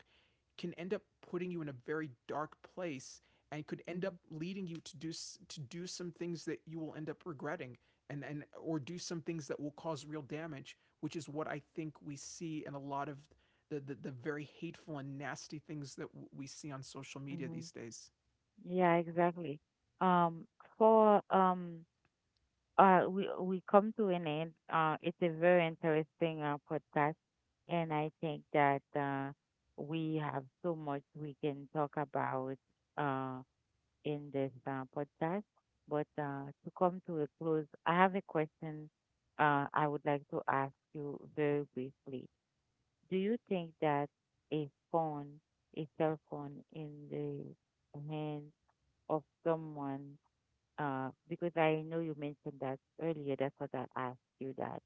B: can end up putting you in a very dark place, and could end
A: mhm,
B: up leading you to do, to do some things that you will end up regretting, and or do some things that will cause real damage, which is what I think we see in a lot of the the very hateful and nasty things that we see on social media
A: mhm.
B: these days.
A: Yeah, exactly. Um, for we come to an end. It's a very interesting podcast, and I think that we have so much we can talk about uh, in this podcast. But to come to a close, I have a question I would like to ask you very briefly. Do you think that a phone, a cell phone in the hand of someone, because I know you mentioned that earlier, that's what I asked you, that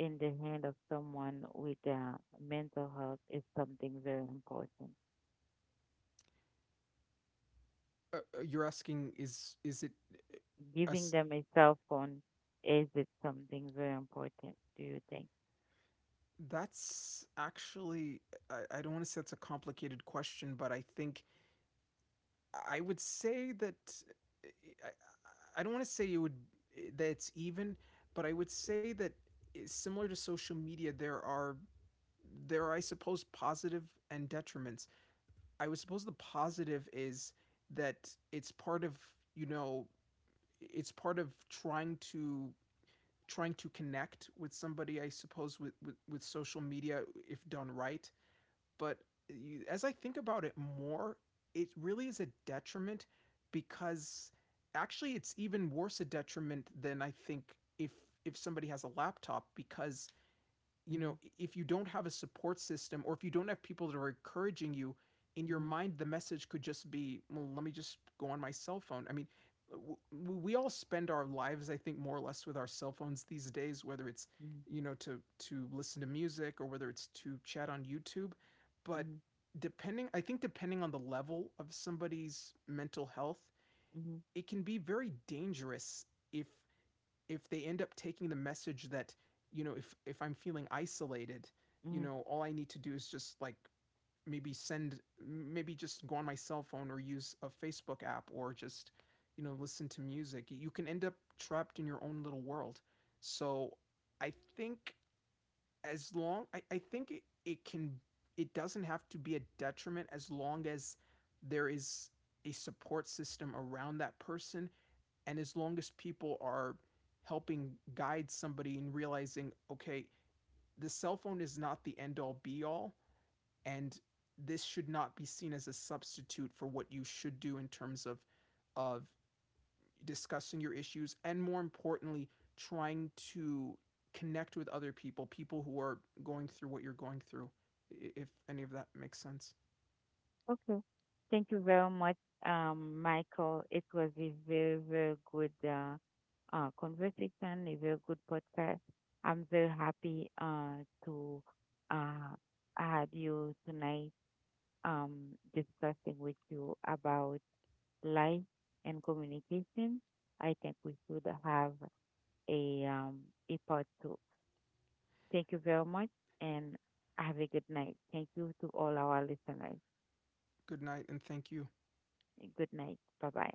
A: in the hand of someone with mental health, is something very important.
B: You're asking is it
A: Giving
B: us?
A: them a cell phone, is it something very important, do you think?
B: That's actually, I don't want to say it's a complicated question, but I think I would say that i, I don't want to say it would, that it's even, but I would say that similar to social media there are, there are I suppose positive and detriments. I would suppose the positive is that it's part of, you know, it's part of trying to, trying to connect with somebody, I suppose, with social media, if done right. But as I think about it more, it really is a detriment, because actually it's even worse a detriment than I think if somebody has a laptop, because, you
A: Mm-hmm.
B: know, if you don't have a support system, or if you don't have people that are encouraging you, in your
A: Mm-hmm.
B: mind, the message could just be, well, let me just go on my cell phone. I mean, uh, we all spend our lives, I think, more or less with our cell phones these days, whether it's,
A: Mm-hmm.
B: you know, to listen to music, or whether it's to chat on YouTube. But
A: Mm-hmm.
B: depending, I think, depending on the level of somebody's mental health,
A: Mm-hmm.
B: it can be very dangerous if if they end up taking the message that, you know, if I'm feeling isolated, you
A: Mm-hmm.
B: know, all I need to do is just like maybe send, maybe just go on my cell phone, or use a Facebook app, or just, you know, listen to music. You can end up trapped in your own little world. So I think, as long, I think it, it can, it doesn't have to be a detriment, as long as there is a support system around that person, and as long as people are helping guide somebody and realizing, okay, the cell phone is not the end all be all, and this should not be seen as a substitute for what you should do in terms of discussing your issues, and more importantly trying to connect with other people, people who are going through what you're going through, if any of that makes sense.
A: Okay. Thank you very much, Michael. It was a very, very good conversation, a very good podcast. I'm very happy to uh, have you tonight discussing with you about life and communication. I think we should have a, um, a part two. Thank you very much and have a good night. Thank you to all our listeners.
B: Good night and thank you.
A: Good night. Bye bye.